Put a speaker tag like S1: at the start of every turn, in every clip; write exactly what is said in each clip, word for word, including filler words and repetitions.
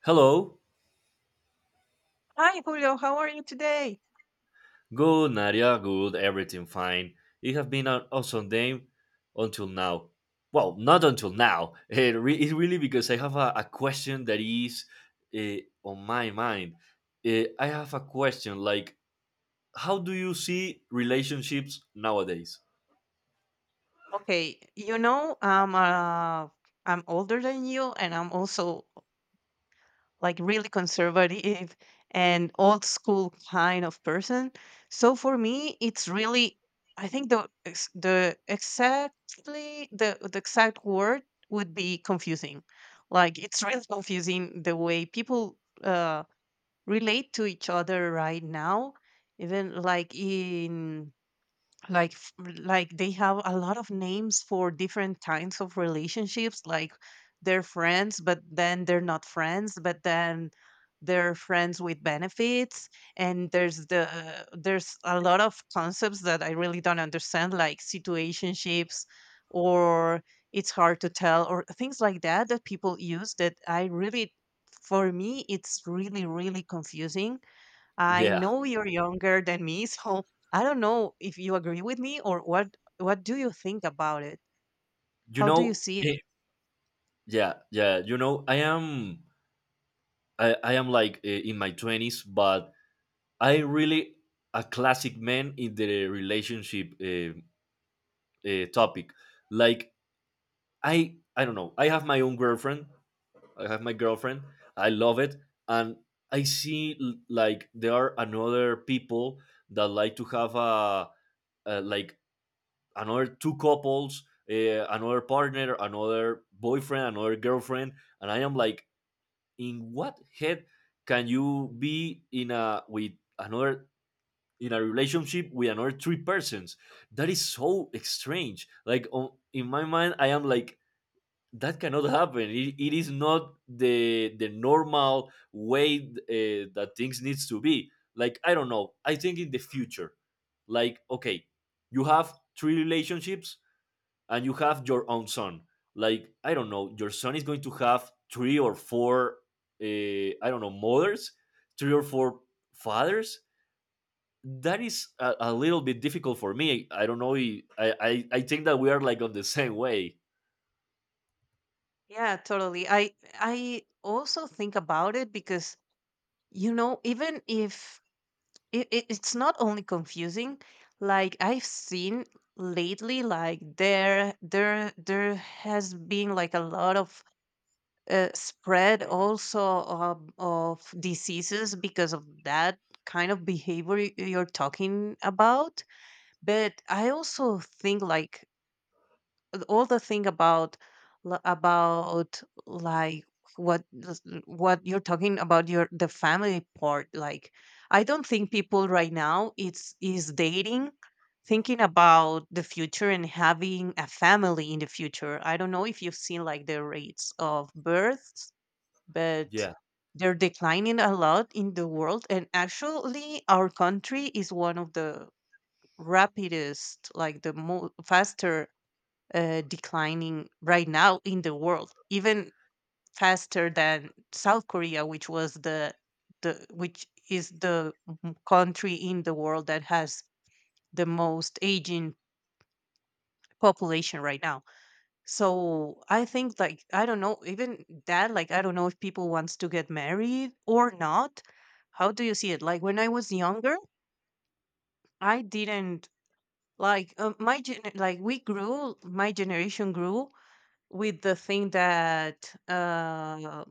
S1: Hello.
S2: Hi, Julio. How are you today?
S1: Good, Nadia. Good. Everything fine. It has been an awesome day until now. Well, not until now. It re- it's really because I have a, a question that is uh, on my mind. Eh, I have a question like, how do you see relationships nowadays?
S2: Okay, you know, I'm uh, I'm older than you, and I'm also like really conservative and old school kind of person. So for me, it's really, I think the ex- the exactly the the exact word would be confusing. Like it's really confusing the way people uh, relate to each other right now, even like in like f- r- like they have a lot of names for different kinds of relationships, like they're friends but then they're not friends, but then they're friends with benefits. And there's the there's a lot of concepts that I really don't understand, like situationships, or it's hard to tell, or things like that that people use that I really for me it's really, really confusing. I
S1: Yeah,
S2: know you're younger than me, so I don't know if you agree with me, or what what do you think about it?
S1: you
S2: How do you
S1: know,
S2: see it?
S1: eh, yeah, yeah, you know, I am, I, I am like uh, in my twenties, but I really a classic man in the relationship. Uh, uh, topic. Like I I don't know. I have my own girlfriend. I have my girlfriend. I love it, and I see l- like there are another people that like to have a, a like another two couples, uh, another partner, another boyfriend, another girlfriend, and I am like, in what head can you be in a with another in a relationship with another three persons? That is so strange. Like on, in my mind, I am like that cannot happen it, it is not the the normal way uh, that things needs to be like I don't know. I think in the future, like, okay, you have three relationships and you have your own son. Like I don't know, your son is going to have three or four, uh, I don't know, mothers, three or four fathers. That is a, a little bit difficult for me. I don't know, I, I i think that we are like on the same way.
S2: Yeah, totally. I I also think about it because, you know, even if it, it, it's not only confusing, like I've seen lately, like there there there has been like a lot of uh, spread also of, of diseases because of that kind of behavior y- you're talking about. But I also think, like, all the thing about l- about like what this- what you're talking about, your the family part, like I don't think people right now it's is dating thinking about the future and having a family in the future. I don't know if you've seen like the rates of births, but
S1: yeah,
S2: they're declining a lot in the world, and actually our country is one of the rapidest, like the mo- faster uh, declining right now in the world, even faster than South Korea, which was the the which is the m- country in the world that has the most aging population right now. So I think like, I don't know, even that, like I don't know if people wants to get married or not. How do you see it? Like when I was younger, I didn't like uh, my gen like we grew, my generation grew with the thing that uh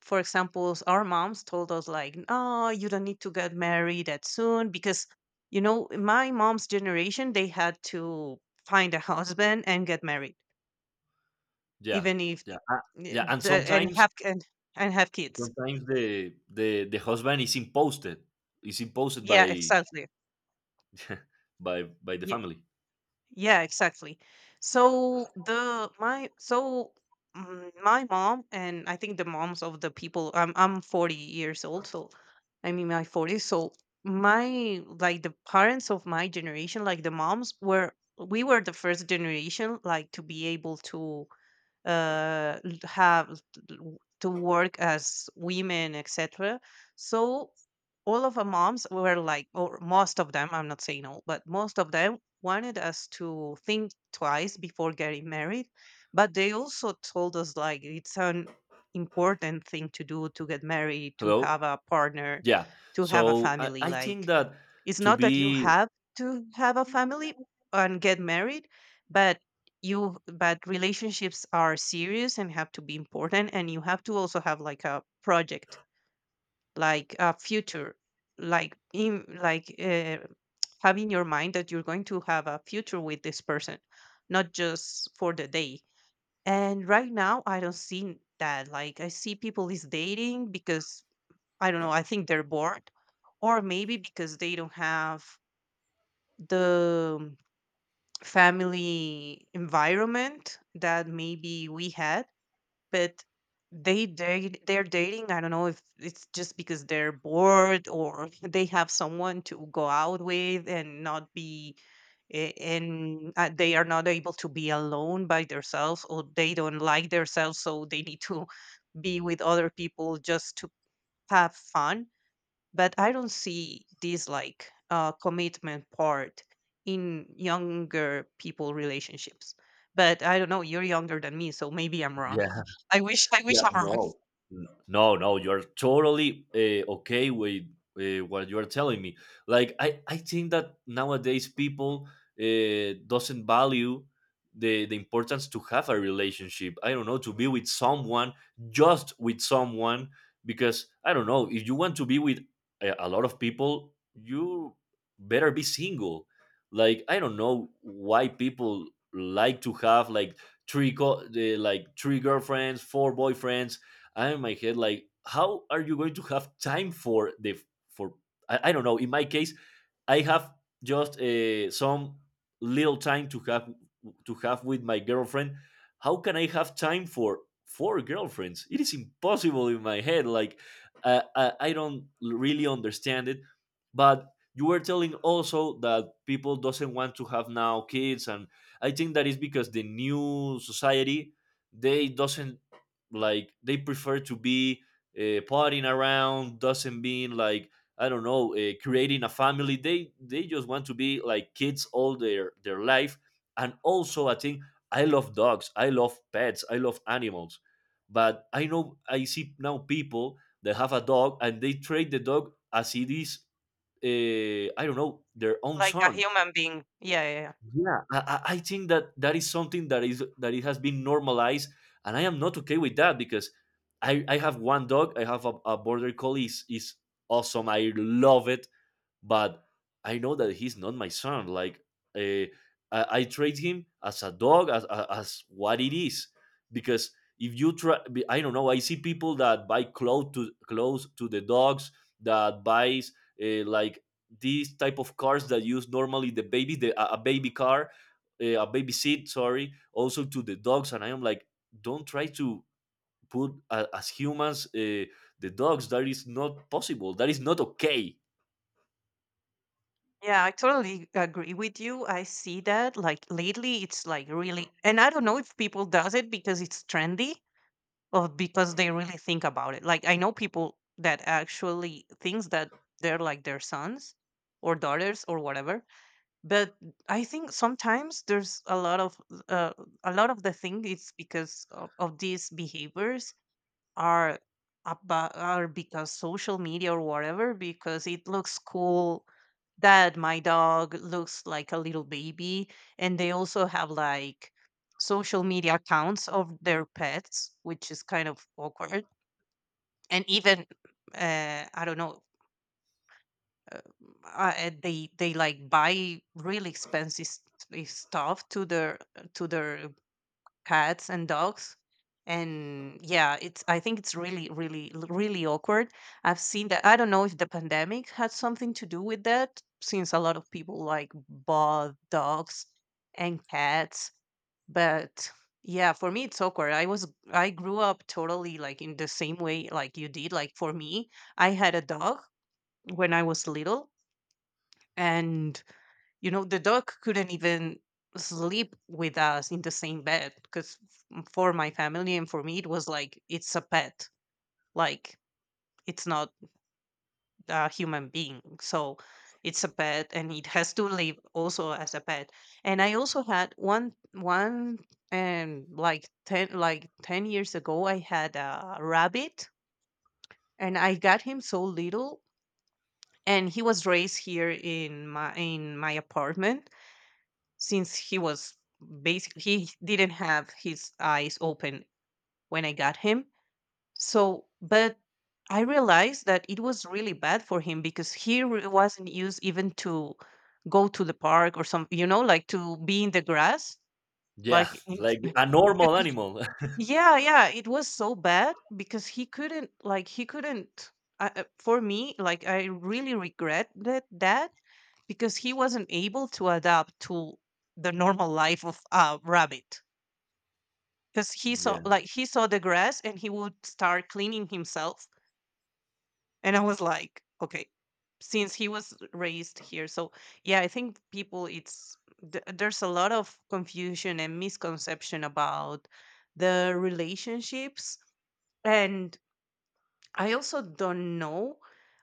S2: for example, s- our moms told us like, "No, you don't need to get married that soon because, you know, my mom's generation, they had to find a husband and get married."
S1: yeah,
S2: Even if.
S1: yeah, uh,
S2: Yeah,
S1: yeah. And
S2: the and
S1: sometimes,
S2: have, and and have kids.
S1: sometimes the the the husband is imposed. Is imposed
S2: Yeah,
S1: by
S2: exactly.
S1: by by the
S2: Yeah,
S1: family.
S2: yeah, exactly. So the my so mm, my mom, and I think the moms of the people. I'm I'm forty years old, so I'm in my forties. So my, like, the parents of my generation, like the moms, were, we were the first generation like to be able to uh, l- have l- to work as women, et cetera. So all of our moms were like, or most of them, I'm not saying all, but most of them wanted us to think twice before getting married. But they also told us like it's an important thing to do, to get married, to
S1: Hello.
S2: have a partner,
S1: Yeah.
S2: to have a
S1: So I,
S2: family.
S1: I think
S2: Like,
S1: that
S2: it's
S1: to
S2: not that you
S1: be
S2: have to have a family and get married, but you but relationships are serious and have to be important, and you have to also have like a project, like a future, like in like uh, have in your mind that you're going to have a future with this person, not just for the day. And right now I don't see that. Like, I see people is dating because, I don't know, I think they're bored, or maybe because they don't have the um, family environment that maybe we had. But they date they're dating, I don't know if it's just because they're bored or they have someone to go out with and not be a- and uh, they are not able to be alone by themselves, or they don't like themselves, so they need to be with other people just to have fun. But I don't see this like uh, commitment part in younger people relationships. But I don't know. You're younger than me, so maybe I'm wrong.
S1: yeah.
S2: I wish I
S1: Yeah,
S2: wish I'm wrong.
S1: no, N- No, no, you're totally uh, okay with uh, what you're telling me. Like I, I think that nowadays people uh, doesn't value the the importance to have a relationship. I don't know, to be with someone, just with someone, because I don't know, if you want to be with a, a lot of people, you better be single. Like I don't know why people like to have like three co- the, like three girlfriends, four boyfriends. I'm in my head like, how are you going to have time for the for I, I don't know. In my case, I have just uh, some little time to have to have with my girlfriend. How can I have time for four girlfriends? It is impossible in my head. Like uh, I, I don't really understand it. But you were telling also that people doesn't want to have now kids, and I think that is because the new society, they doesn't, like, they prefer to be uh, partying around, doesn't being like, I don't know, uh, creating a family. They they just want to be like kids all their their life. And also, I think I love dogs. I love pets. I love animals. But I know, I see now people that have a dog and they treat the dog as it is. Uh, I don't know, their own
S2: Like a
S1: son.
S2: human being. Yeah, yeah, yeah.
S1: Yeah, I, I I think that that is something that is that it has been normalized, and I am not okay with that because I I have one dog. I have a, a border collie. Is is awesome. I love it, but I know that he's not my son. Like uh, I, I treat him as a dog, as, as as what it is, because if you try, I don't know, I see people that buy clothes to clothes to the dogs, that buys uh, like these type of cars that use normally the baby, the a a baby car, uh, a baby seat. Sorry, also to the dogs, and I am like, don't try to put uh, as humans uh, the dogs. That is not possible. That is not okay.
S2: Yeah, I totally agree with you. I see that. Like lately, it's like really, and I don't know if people does it because it's trendy, or because they really think about it. Like I know people that actually thinks that they're like their sons or daughters or whatever. But I think sometimes there's a lot of uh, a lot of the thing it's because of, of these behaviors are about, are because social media or whatever, because it looks cool that my dog looks like a little baby. And they also have like social media accounts of their pets, which is kind of awkward. And even uh, I don't know uh, uh, and they they like buy really expensive s- s- stuff to their to their cats and dogs. And yeah, it's, I think it's really, really l- really awkward. I've seen that. I don't know if the pandemic had something to do with that, since a lot of people like bought dogs and cats. But yeah, for me it's awkward. i was I grew up totally like in the same way like you did. Like for me, I had a dog when I was little, and, you know, the dog couldn't even sleep with us in the same bed, because for my family and for me, it was like, it's a pet. Like, it's not a human being. So it's a pet, and it has to live also as a pet. And I also had one, one, and like ten, like ten years ago, I had a rabbit, and I got him so little, and he was raised here in my in my apartment since he was, basically, he didn't have his eyes open when I got him. So, but I realized that it was really bad for him because he re- wasn't used even to go to the park or some, you know, like to be in the grass.
S1: Yeah,
S2: Like, it,
S1: like a normal animal.
S2: yeah, yeah, it was so bad because he couldn't, like, he couldn't. I, I- for me, like, I really regret that, that, because he wasn't able to adapt to the normal life of a rabbit, because he saw
S1: Yeah.
S2: like he saw the grass and he would start cleaning himself. And I was like, okay, since he was raised here. So, yeah, I think people it's, th- there's a lot of confusion and misconception about the relationships. And I also don't know,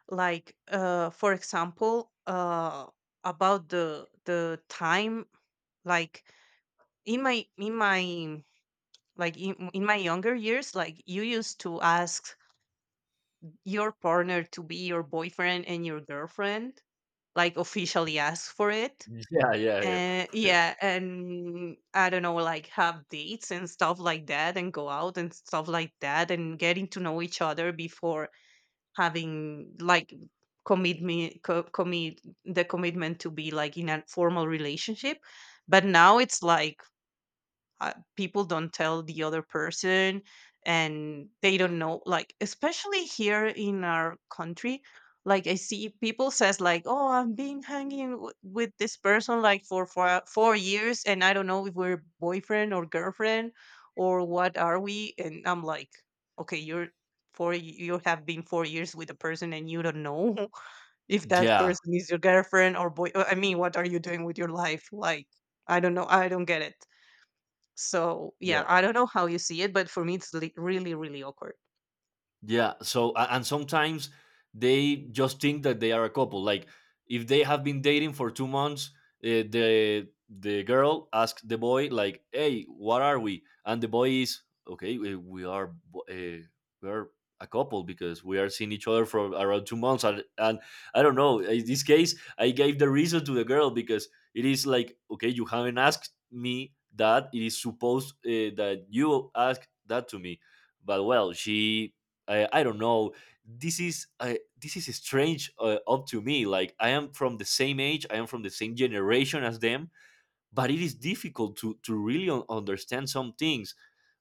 S2: like uh for example, uh about the the time, like in my in my like in, in my younger years, like you used to ask your partner to be your boyfriend and your girlfriend, like officially ask for it.
S1: Yeah, yeah, yeah.
S2: And yeah, and I don't know, like have dates and stuff like that, and go out and stuff like that, and getting to know each other before having like commit me co- commit the commitment to be like in a formal relationship. But now it's like, uh, people don't tell the other person, and they don't know, like, especially here in our country. Like, I see people says like, oh, I've been hanging w- with this person like for four, four years, and I don't know if we're boyfriend or girlfriend or what are we. And I'm like, okay, you're four y- you have been four years with a person, and you don't know if that
S1: Yeah.
S2: person is your girlfriend or boy, I mean, what are you doing with your life? Like, I don't know, I don't get it. So,
S1: Yeah.
S2: yeah, I don't know how you see it, but for me, it's li- really, really awkward.
S1: Yeah. So, a- and sometimes they just think that they are a couple. Like, if they have been dating for two months, uh, the the girl asks the boy, like, "Hey, what are we?" And the boy is, "Okay, we, we are bo- uh, we are a couple because we are seeing each other for around two months." And and I don't know. In this case, I gave the reason to the girl because it is like, okay, you haven't asked me that. It is supposed uh, that you ask that to me. But well, she I, I don't know. This is uh, this is strange uh, up to me. Like I am from the same age, I am from the same generation as them, but it is difficult to to really un- understand some things,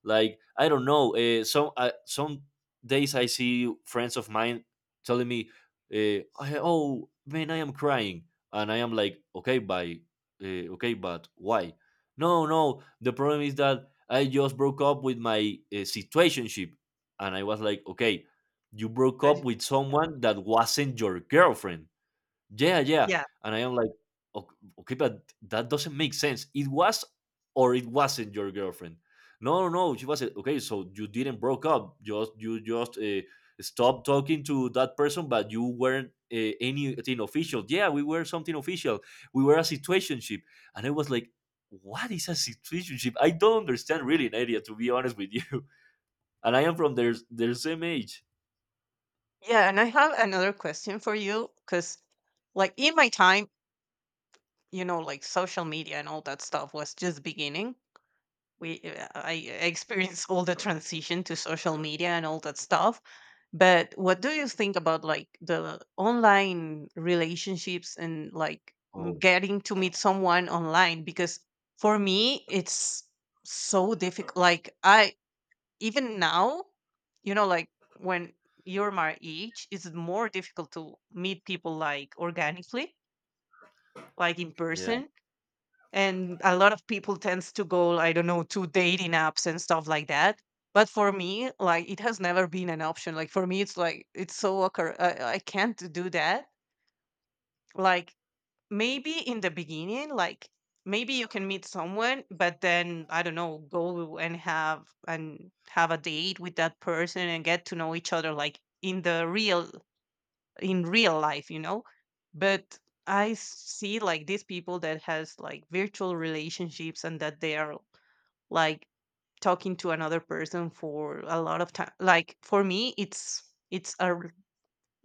S1: like I don't know, uh, some uh, some days I see friends of mine telling me, uh, I- oh man, I am crying. And I am like, okay, by uh, okay, but why? No, no, the problem is that I just broke up with my uh, situationship. And I was like, okay, you broke
S2: But
S1: up with someone that wasn't your girlfriend. Yeah, yeah.
S2: yeah,
S1: And I am like, okay, okay, but that doesn't make sense. It was, or it wasn't your girlfriend. No, no, no, she wasn't. Okay, so you didn't broke up. Just you just uh, stopped talking to that person, but you weren't uh, anything official. Yeah, we were something official. We were a situationship, and I was like, what is a situationship? I don't understand really, Nadia, to be honest with you. And I am from their their same age.
S2: yeah. And I have another question for you, because, like, in my time, you know, like social media and all that stuff was just beginning. We, uh, I I experienced all the transition to social media and all that stuff. But what do you think about like the online relationships and like m-
S1: Oh,
S2: getting to meet someone online? Because for me, it's so difficult. Like I even now, you know, like when you're my age, it's more difficult to meet people like organically, like in
S1: yeah.
S2: person. And a lot of people tends to go, I don't know, to dating apps and stuff like that. But for me, like it has never been an option. Like for me, it's like it's so awkward. I, I can't do that. Like, maybe in the beginning, like maybe you can meet someone, but then I don't know, go and have and have a date with that person and get to know each other like in the real in real life, you know? But I see like these people that has like virtual relationships, and that they are like talking to another person for a lot of time. Like for me, it's it's a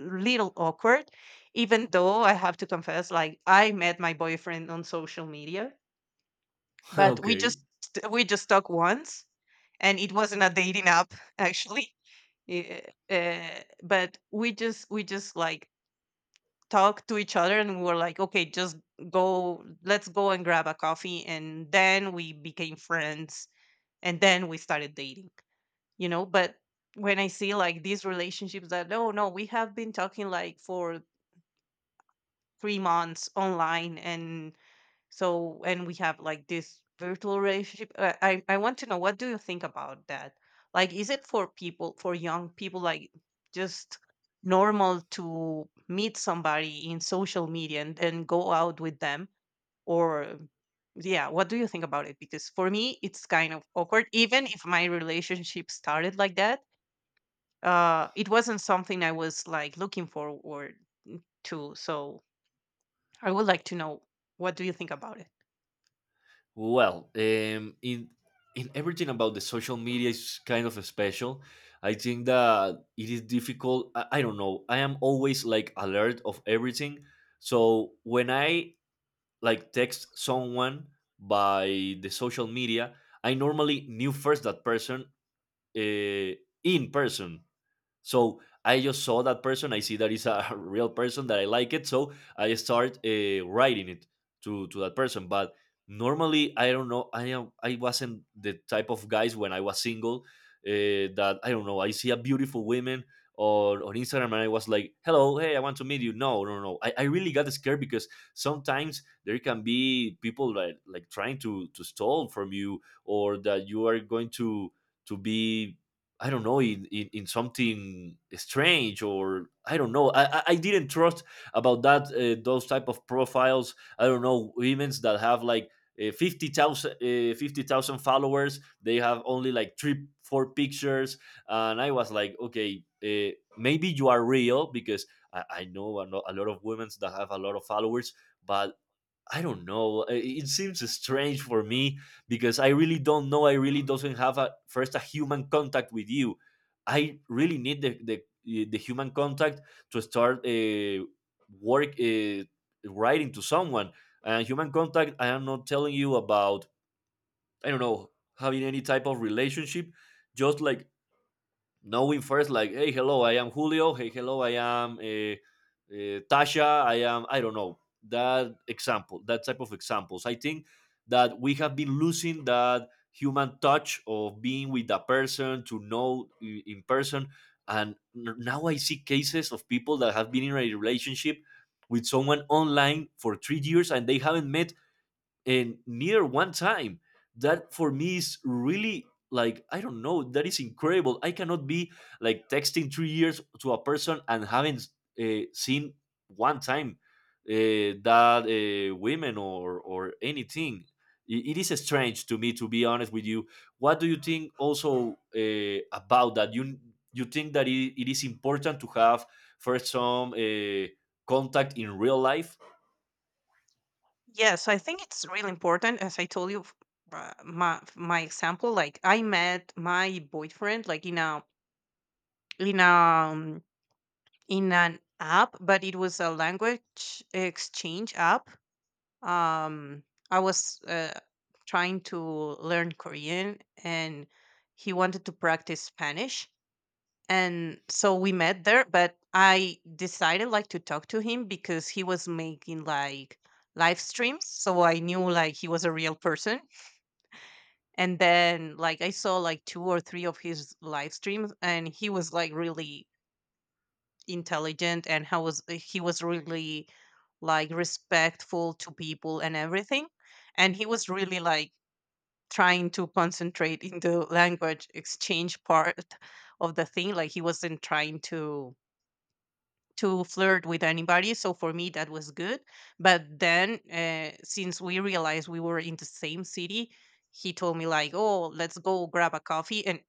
S2: little awkward, even though I have to confess, like I met my boyfriend on social media, but we
S1: Okay.
S2: just we just talked once, and it wasn't a dating app actually. Eh, eh, but we just we just like talked to each other, and we were like, okay, just go, let's go and grab a coffee, and then we became friends, and then we started dating, you know. But when I see like these relationships that, oh no, we have been talking like for three months online and so, and we have like this virtual relationship, uh, i i want to know, what do you think about that? Like, is it for people, for young people, like just normal to meet somebody in social media and, and go out with them? Or yeah, what do you think about it? Because for me it's kind of awkward, even if my relationship started like that. Uh it wasn't something I was like looking forward to, so I would like to know, what do you think about it?
S1: Well, um, in in everything about the social media is kind of special. I think that it is difficult. I, I don't know. I am always like alert of everything. So when I like text someone by the social media, I normally knew first that person uh, in person. So I just saw that person. I see that is a real person that I like it. So I start uh, writing it to to that person. But normally I don't know. I am I wasn't the type of guys when I was single, uh, that I don't know, I see a beautiful woman or on Instagram and I was like, "Hello, hey, I want to meet you." No, no, no. I, I really got scared because sometimes there can be people that like trying to to stall from you or that you are going to to be, I don't know, in, in, in something strange, or I don't know. I, I I didn't trust about that, uh, those type of profiles. I don't know, women that have like uh, fifty thousand, uh, fifty thousand followers. They have only like three four pictures, and I was like, okay, uh, maybe you are real, because I, I know a lo- a lot of women that have a lot of followers, but I don't know. uh, It seems strange for me because I really don't know. I really doesn't have a first a human contact with you. I really need the the, uh, the human contact to start uh, work uh, writing to someone. And human contact, I am not telling you about I don't know having any type of relationship. Just like knowing first, like, hey, hello, I am Julio. Hey, hello, I am uh, uh, Tasha, I am, I don't know, that example, that type of examples. I think that we have been losing that human touch of being with a person to know i- in person. And n- now I see cases of people that have been in a relationship with someone online for three years and they haven't met, and neither one time. That for me is really like, I don't know, that is incredible. I cannot be like texting three years to a person and haven't uh, seen one time uh, that uh, women or or anything. I- It is strange to me, to be honest with you. What do you think also uh, about that? You you think that it, it is important to have first some uh, contact in real life
S2: Yes, I think it's really important. As I told you, f- uh, my my example, like I met my boyfriend like in a in a um, in an app, but it was a language exchange app. Um, I was uh, trying to learn Korean, and he wanted to practice Spanish. And so we met there, but I decided like to talk to him because he was making like live streams, so I knew like he was a real person. And then like I saw like two or three of his live streams and he was like really intelligent, and how was eh, he was really like respectful to people and everything, and he was really like trying to concentrate in the language exchange part of the thing. Like, he wasn't trying to to flirt with anybody. So for me, that was good. But then, uh, since we realized we were in the same city, he told me like, "Oh, let's go grab a coffee," and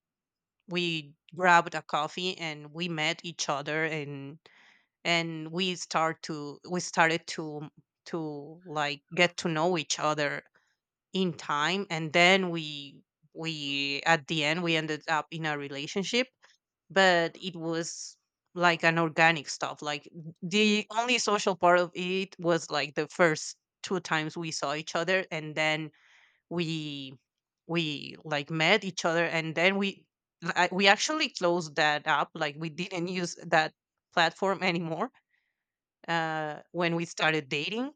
S2: we grabbed a coffee and we met each other, and and we start to we started to to like get to know each other in time, and then we we at the end we ended up in a relationship. But it was like an organic stuff. Like, the only social part of it was like the first two times we saw each other, and then we we like met each other, and then we I- we actually closed that up. Like, we didn't use that platform anymore uh, when we started dating,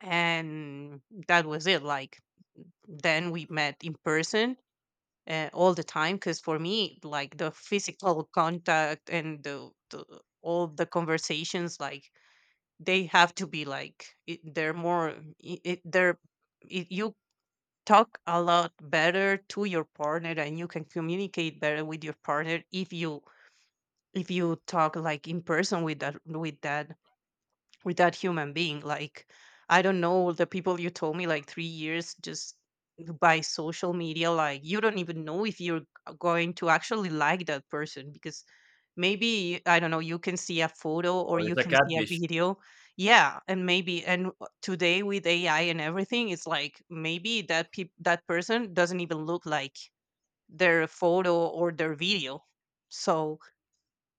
S2: and that was it. Like, then we met in person uh, all the time, because for me like the physical contact and the, the all the conversations, like they have to be like it, they're more I it, they're it, you talk a lot better to your partner and you can communicate better with your partner if you if you talk like in person with that with that with that human being. Like, I don't know, the people you told me like three years just by social media, like you don't even know if you're g- going to actually like that person, because maybe, I don't know, you can see a photo or
S1: or
S2: you
S1: it's a
S2: can see a
S1: catfish
S2: video. Yeah, and maybe, and w- today with A I and everything, it's like maybe that peop that person doesn't even look like their photo or their video. So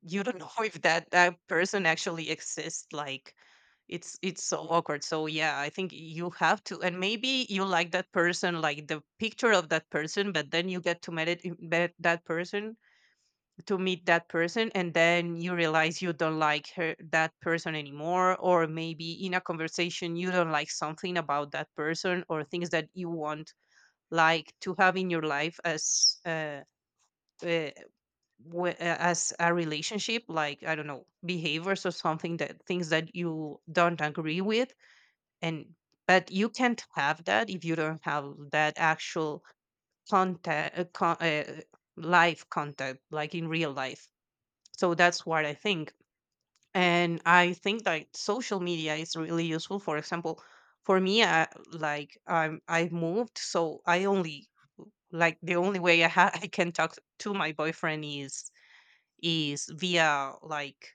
S2: you don't know if that that person actually exists. Like, it's it's so awkward. So yeah, I think you have to, and maybe you like that person, like the picture of that person, but then you get to meet it, met that person to meet that person, and then you realize you don't like her that person anymore. Or maybe in a conversation you don't like something about that person, or things that you want like to have in your life as uh, uh, whe- a- as a relationship. Like, I don't know, behaviors or something, that things that you don't agree with. And but you can't have that if you don't have that actual contact uh, con- uh, live contact, like in real life. So that's what I think. And I think that social media is really useful. For example, for me, I, like i'm i've moved, so I only, like the only way I ha- I can talk to my boyfriend is is via like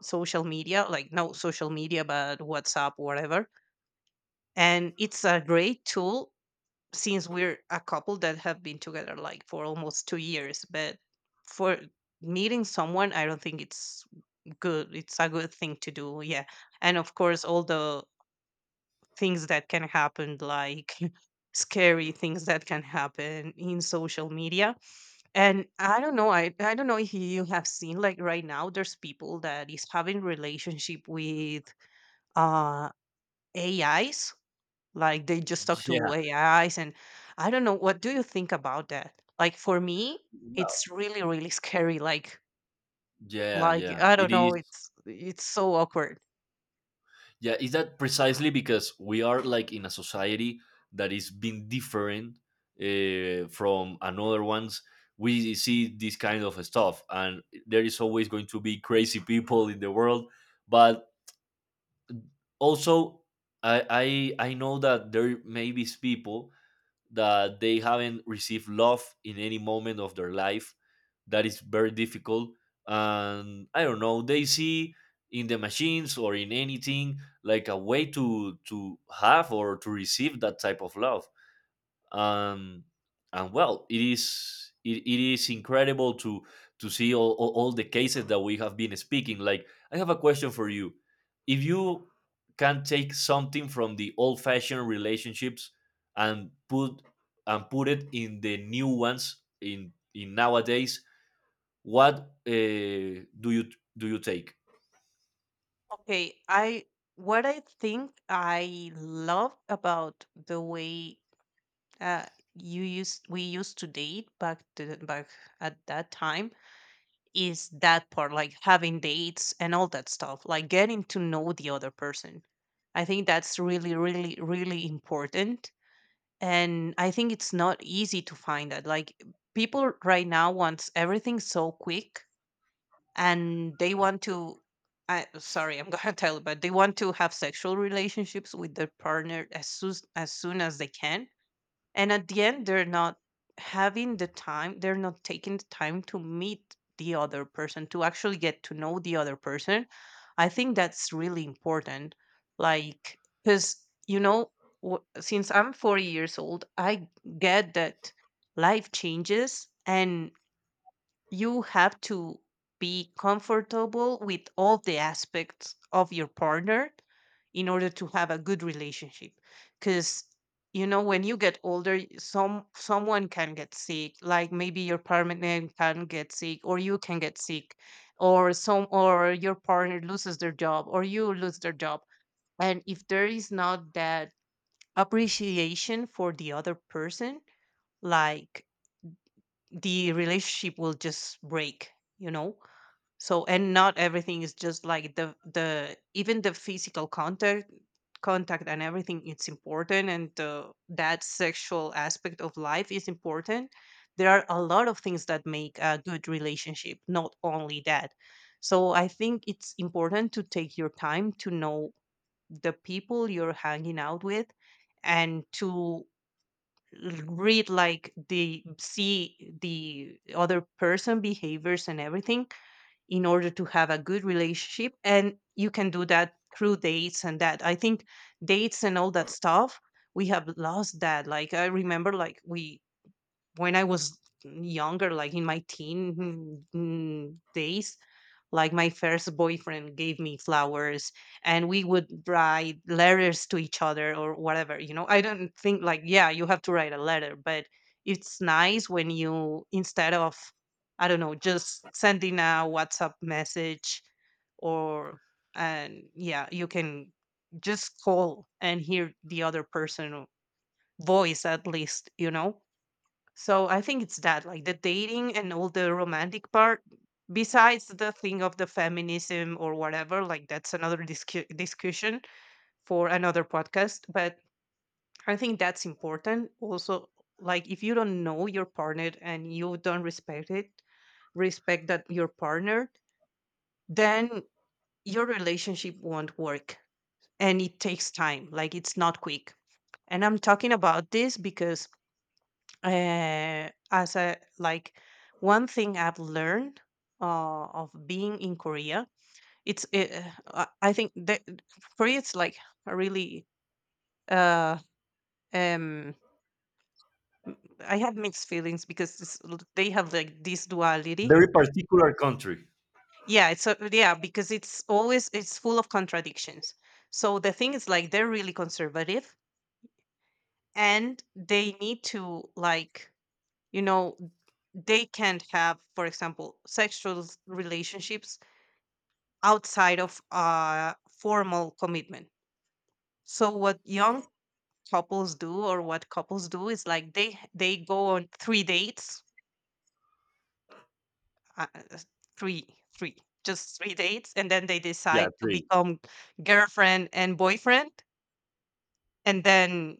S2: social media, like no social media, but WhatsApp, whatever. And it's a great tool, since we're a couple that have been together like for almost two years. But for meeting someone, I don't think it's good. It's a good thing to do. Yeah. And of course, all the things that can happen, like scary things that can happen in social media. And I don't know, I, I don't know if you have seen, like right now there's people that is having relationship with uh A Is, like they just talk
S1: yeah.
S2: to A Is. And I don't know, what do you think about that? Like for me,
S1: Well,
S2: it's really, really scary. Like
S1: yeah,
S2: like
S1: yeah
S2: I
S1: it
S2: don't know,
S1: is.
S2: it's it's so awkward.
S1: Yeah, is that precisely because we are like in a society that is being different uh, from another ones. We see this kind of stuff and there is always going to be crazy people in the world, but also I, I i know that there may be people that they haven't received love in any moment of their life. That is very difficult, and I don't know, they see in the machines or in anything like a way to to have or to receive that type of love. um, and well it is it, it is incredible to to see all, all, all the cases that we have been speaking. Like, I have a question for you. If you can take something from the old fashioned relationships and put and put it in the new ones in in nowadays, what uh, do you do you take?
S2: Okay, I what I think I love about the way uh you used we used to date back to back at that time, is that part, like having dates and all that stuff, like getting to know the other person. I think that's really, really, really important. And I think it's not easy to find that. Like, people right now wants everything so quick, and they want to, I sorry, I'm gonna tell you, but they want to have sexual relationships with their partner as soon as soon as they can. And at the end they're not having the time, they're not taking the time to meet the other person, to actually get to know the other person. I think that's really important. Like, because you know, w- since I'm forty years old, I get that life changes, and you have to be comfortable with all the aspects of your partner in order to have a good relationship. Because, you know, when you get older, some someone can get sick, like maybe your partner can get sick or you can get sick. Or some or your partner loses their job, or you lose their job. And if there is not that appreciation for the other person, like the relationship will just break, you know. So, and not everything is just like the the even the physical contact contact and everything. It's important, and uh, that sexual aspect of life is important. There are a lot of things that make a good relationship, not only that. So I think it's important to take your time to know the people you're hanging out with, and to l- read, like the see the other person behaviors and everything, in order to have a good relationship. And you can do that through dates and that. I think dates and all that stuff, we have lost that. Like, I remember like we when I was younger, like in my teen mm, days, like my first boyfriend gave me flowers, and we would write letters to each other or whatever, you know. I don't think like, yeah, you have to write a letter, but it's nice when you, instead of, I don't know, just sending a WhatsApp message or, and yeah, you can just call and hear the other person voice at least, you know? So I think it's that, like the dating and all the romantic part, besides the thing of the feminism or whatever, like that's another discu- discussion for another podcast. But I think that's important. Also, like if you don't know your partner and you don't respect it, respect that, your partner, then your relationship won't work, and it takes time. Like, it's not quick. And I'm talking about this because, uh, as a like one thing I've learned uh, of being in Korea. It's uh, uh, I think that Korea it's like a really uh, um, m- I have mixed feelings because it's, l- they have like this duality.
S1: Very particular country.
S2: Yeah, it's a, yeah, because it's always, it's full of contradictions. So the thing is like, they're really conservative, and they need to like, you know, they can't have, for example, sexual relationships outside of a formal commitment. So what young couples do, or what couples do, is like they they go on three dates, uh, uh, three three just three dates, and then they
S1: Yeah,
S2: decide to
S1: three.
S2: become girlfriend and boyfriend, and then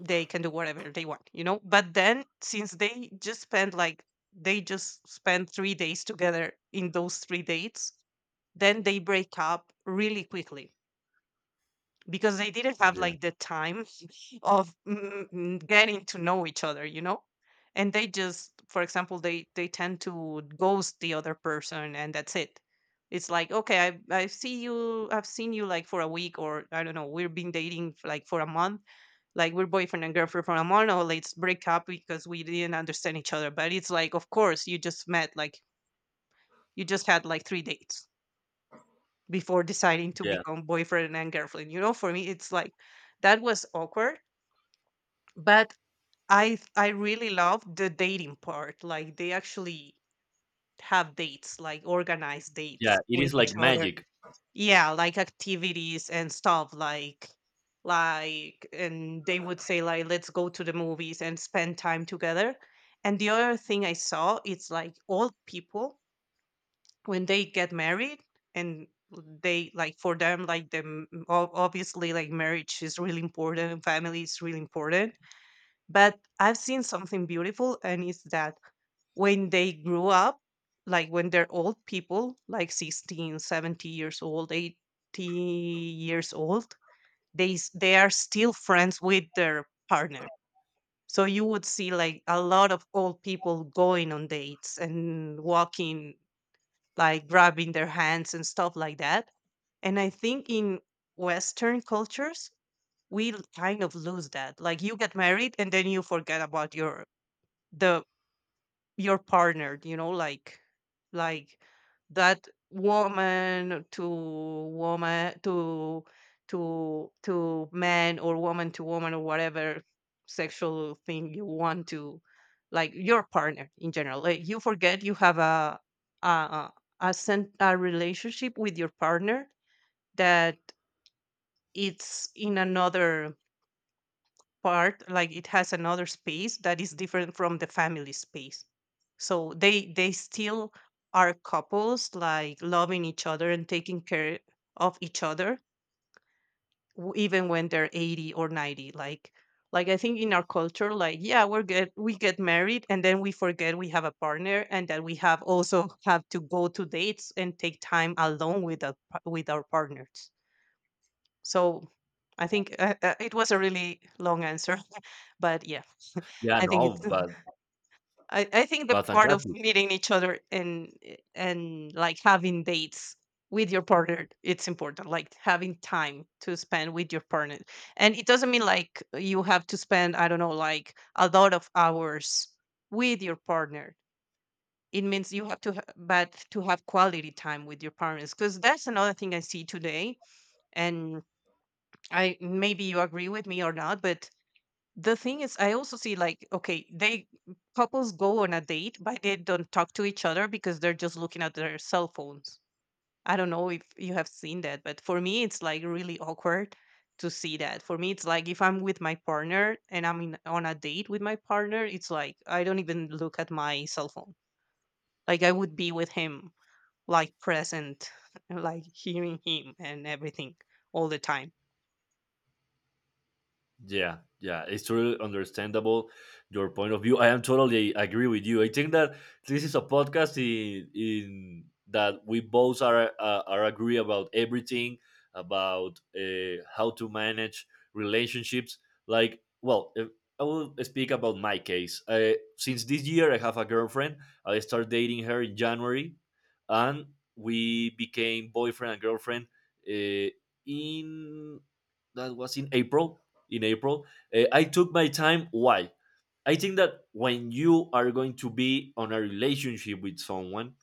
S2: they can do whatever they want, you know. But then since they just spend like they just spend three days together in those three dates, then they break up really quickly because they didn't have
S1: Yeah.
S2: like the time of mm, mm, getting to know each other you know And they just, for example, they they tend to ghost the other person, and that's it. It's like, okay, i i see you, I've seen you like for a week, or I don't know, we've been dating for, like for a month, like we're boyfriend and girlfriend for a month, or let's break up because we didn't understand each other. But it's like, of course, you just met, like you just had like three dates before deciding to
S1: Yeah,
S2: become boyfriend and girlfriend. You know, for me, it's like that was awkward, but I th- I really love the dating part. Like they actually have dates, like organized
S1: yeah,
S2: dates
S1: it
S2: with
S1: is
S2: each
S1: like
S2: other.
S1: magic.
S2: Yeah, like activities and stuff like like and they would say like, let's go to the movies and spend time together. And the other thing I saw, it's like old people, when they get married and they, like for them, like the m- ob- obviously like marriage is really important, family is really important. But I've seen something beautiful, and it's that when they grew up, like when they're old people, like sixteen, seventy years old, eighty years old, they s- they are still friends with their partner. So you would see like a lot of old people going on dates and walking, like grabbing their hands and stuff like that. And I think in Western cultures, we l- kind of lose that. Like you get married and then you forget about your the your partner, you know, like like that woman to woman to to to man, or woman to woman, or whatever sexual thing you want to, like your partner in general, like you forget you have a a a, sen- a relationship with your partner that it's in another part, like it has another space that is different from the family space. So they they still are couples, like loving each other and taking care of each other, w- even when they're eighty or ninety, like like I think in our culture, like yeah, we're get we get married and then we forget we have a partner, and that we have also have to go to dates and take time alone with a, par- with our partners. So I think uh, uh, it was a really long answer but yeah.
S1: Yeah,
S2: I think
S1: no,
S2: it's
S1: but
S2: I, I think the
S1: but
S2: part of
S1: fantastic.
S2: meeting each other and and like having dates with your partner, it's important, like having time to spend with your partner. And it doesn't mean like you have to spend, I don't know, like a lot of hours with your partner. It means you have to ha- but to have quality time with your partners, because that's another thing I see today. And i maybe you agree with me or not, but the thing is I also see like, okay, they, couples go on a date but they don't talk to each other because they're just looking at their cell phones. I don't know if you have seen that, but for me it's like really awkward to see that. For me it's like, if I'm with my partner and I'm in, on a date with my partner, it's like I don't even look at my cell phone. Like I would be with him, like present like hearing him and everything all the time.
S1: Yeah, yeah, it's totally understandable your point of view. I am totally agree with you. I think that this is a podcast in in that we both are uh, are agree about everything about uh, how to manage relationships. Like, well, if, I will speak about my case. Uh, since this year, I have a girlfriend. I started dating her in January, and we became boyfriend and girlfriend uh, in that was in April, in April. Uh, I took my time. Why? I think that when you are going to be on a relationship with someone,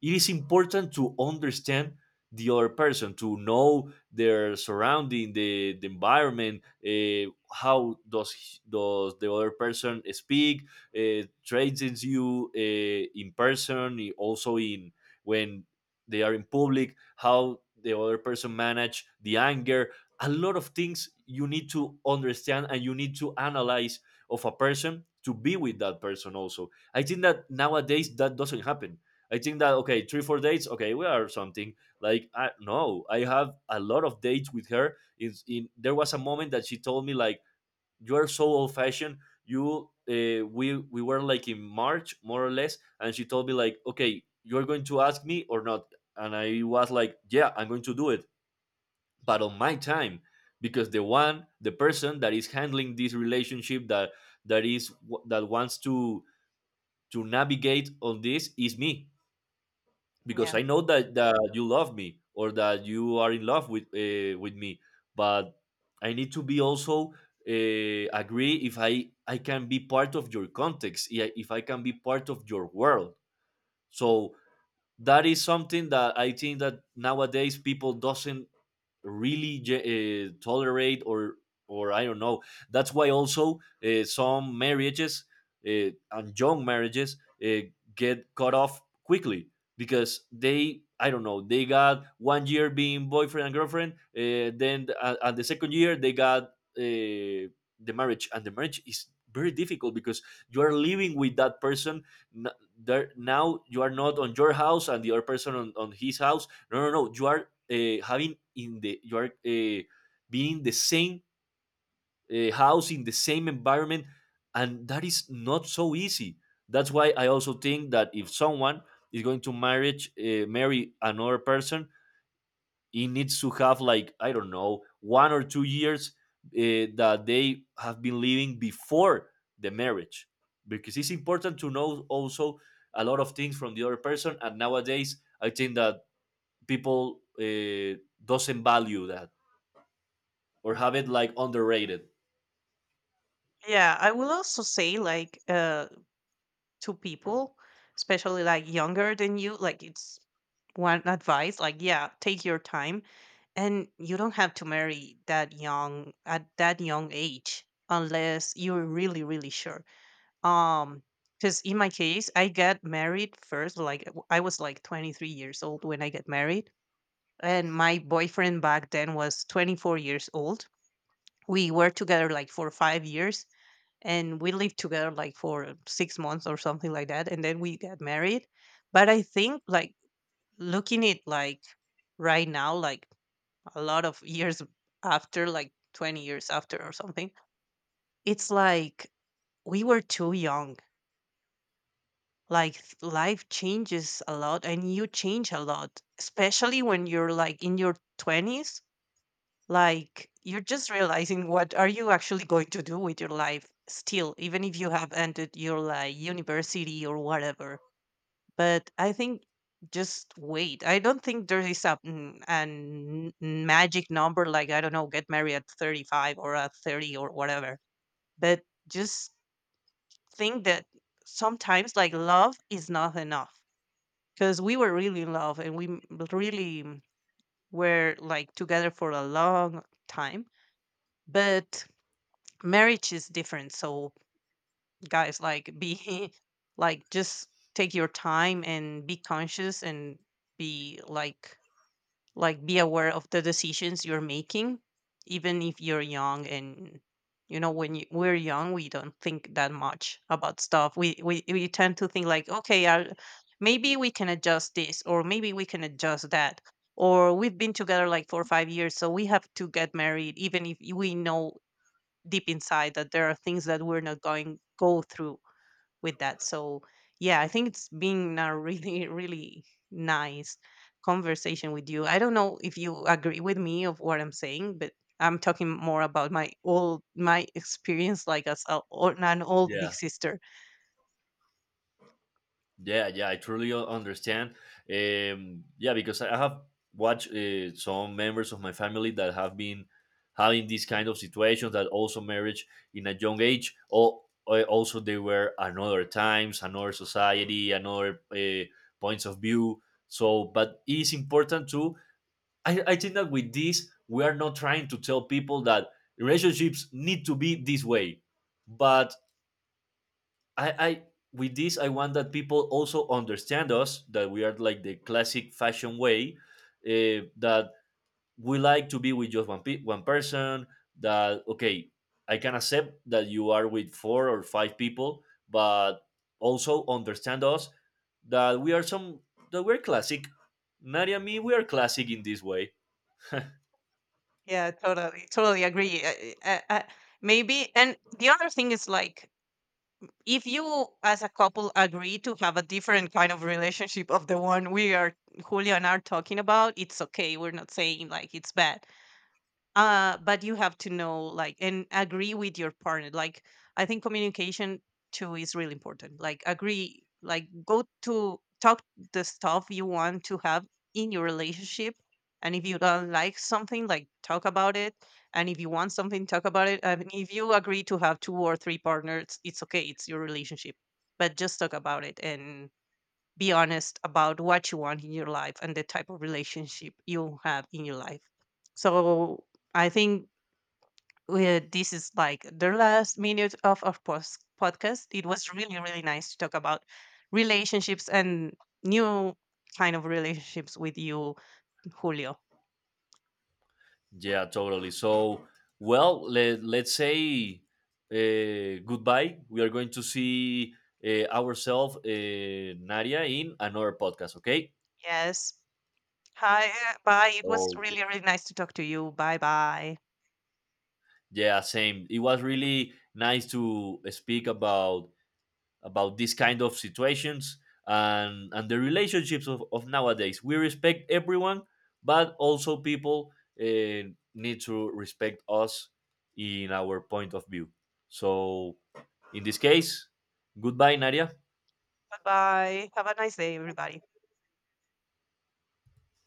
S1: it is important to understand the other person, to know their surrounding, the, the environment, uh, how does he- does the other person speak, uh, traits you uh, in person, i- also in when they are in public, how the other person manage the anger. A lot of things you need to understand and you need to analyze of a person to be with that person. Also, I think that nowadays that doesn't happen. I think that okay, three four dates, okay, we are something. Like, I no, I have a lot of dates with her. It's in there was a moment that she told me like, you are so old fashioned. You uh, we we were like in March more or less, and she told me like, okay, you're going to ask me or not, and I was like, yeah, I'm going to do it, but on my time, because the one, the person that is handling this relationship, that that is that wants to to navigate on this is me, because
S2: Yeah
S1: I know that, that you love me or that you are in love with uh, with me. But I need to be also uh, agree if I I can be part of your context, i- if I can be part of your world. So that is something that I think that nowadays people doesn't really ge- uh, tolerate or or I don't know. That's why also uh, some marriages uh, and young marriages uh, get cut off quickly, because they I don't know, they got one year being boyfriend and girlfriend, uh, then at, at the second year they got uh, the marriage, and the marriage is very difficult because you are living with that person. N- there now you are not on your house and the other person on, on his house. No, no, no. You are uh, having in the you are uh, being in the same uh, house in the same environment, and that is not so easy. That's why I also think that if someone is going to marriage uh, marry another person, he needs to have like, I don't know, one or two years uh, that they have been living before the marriage, because it's important to know also a lot of things from the other person. And nowadays, I think that people uh, doesn't value that or have it like underrated.
S2: yeah, I will also say like, uh, to people, especially like younger than you, like it's one advice, like, yeah, take your time, and you don't have to marry that young, at that young age, unless you're really really sure. Um because in my case, I got married first, like w- I was like twenty-three years old when I got married, and my boyfriend back then was twenty-four years old. We were together like for five years, and we lived together like for six months or something like that, and then we got married. But I think like, looking it like right now, like a lot of years after, like twenty years after or something, it's like we were too young. Like th- life changes a lot, and you change a lot, especially when you're like in your twenties. Like you're just realizing what are you actually going to do with your life still, even if you have ended your like university or whatever. But I think, just wait. I don't think there is a, mm, an magic number, like I don't know, get married at thirty-five or at thirty or whatever. But just think that sometimes like love is not enough, because we were really in love and we m- really mm, were like together for a long time. But marriage is different. So guys, like be like just take your time and be conscious and be like like be aware of the decisions you're making, even if you're young. And you know when you, we're young, we don't think that much about stuff. we, we we tend to think like, okay, I maybe we can adjust this or maybe we can adjust that, or we've been together like four or five years so we have to get married, even if we know deep inside that there are things that we're not going go through with that. So yeah, I think it's been a really, really nice conversation with you. I don't know if you agree with me of what I'm saying, but I'm talking more about my old my experience, like as a, or an old big
S1: Yeah.
S2: sister.
S1: Yeah, yeah, I truly u- understand. Um, yeah, because I I have watched uh, some members of my family that have been having these kind of situations that also marriage in a young age, or also they were another times, another society, another uh, points of view. So, but it is important to. I, I think that with this, we are not trying to tell people that relationships need to be this way, but I, I with this I want that people also understand us, that we are like the classic fashion way uh, that we like to be with just one pe- one person. That okay, I can accept that you are with four or five people, but also understand us that we are some, that we're classic. Nadia, me, we are classic in this way.
S2: Yeah, totally, totally agree. Uh, uh, uh, maybe, and the other thing is like, if you as a couple agree to have a different kind of relationship of the one we are, Julia and I are talking about, it's okay. We're not saying like it's bad. Uh, but you have to know, like, and agree with your partner. Like, I think communication too is really important. Like, agree, like, go to talk the stuff you want to have in your relationship. And if you don't like something, like, talk about it. And if you want something, talk about it. And if you agree to have two or three partners, it's okay, it's your relationship. But just talk about it and be honest about what you want in your life and the type of relationship you have in your life. So I think we, this is like the last minute of our post- podcast. It was really, really nice to talk about relationships and new kind of relationships with you, Julio.
S1: Yeah, totally. So, well, let, let's say uh, goodbye. We are going to see uh, ourselves, uh, Nadia, in another podcast, okay?
S2: Yes. Hi, uh, bye. It was
S1: Oh,
S2: really, really nice to talk to you. Bye bye.
S1: yeah, same. It was really nice to speak about about these kind of situations and and the relationships of, of nowadays. We respect everyone, but also people uh, need to respect us in our point of view, so in this case, goodbye Nadia.
S2: Bye bye. Have a nice day, everybody.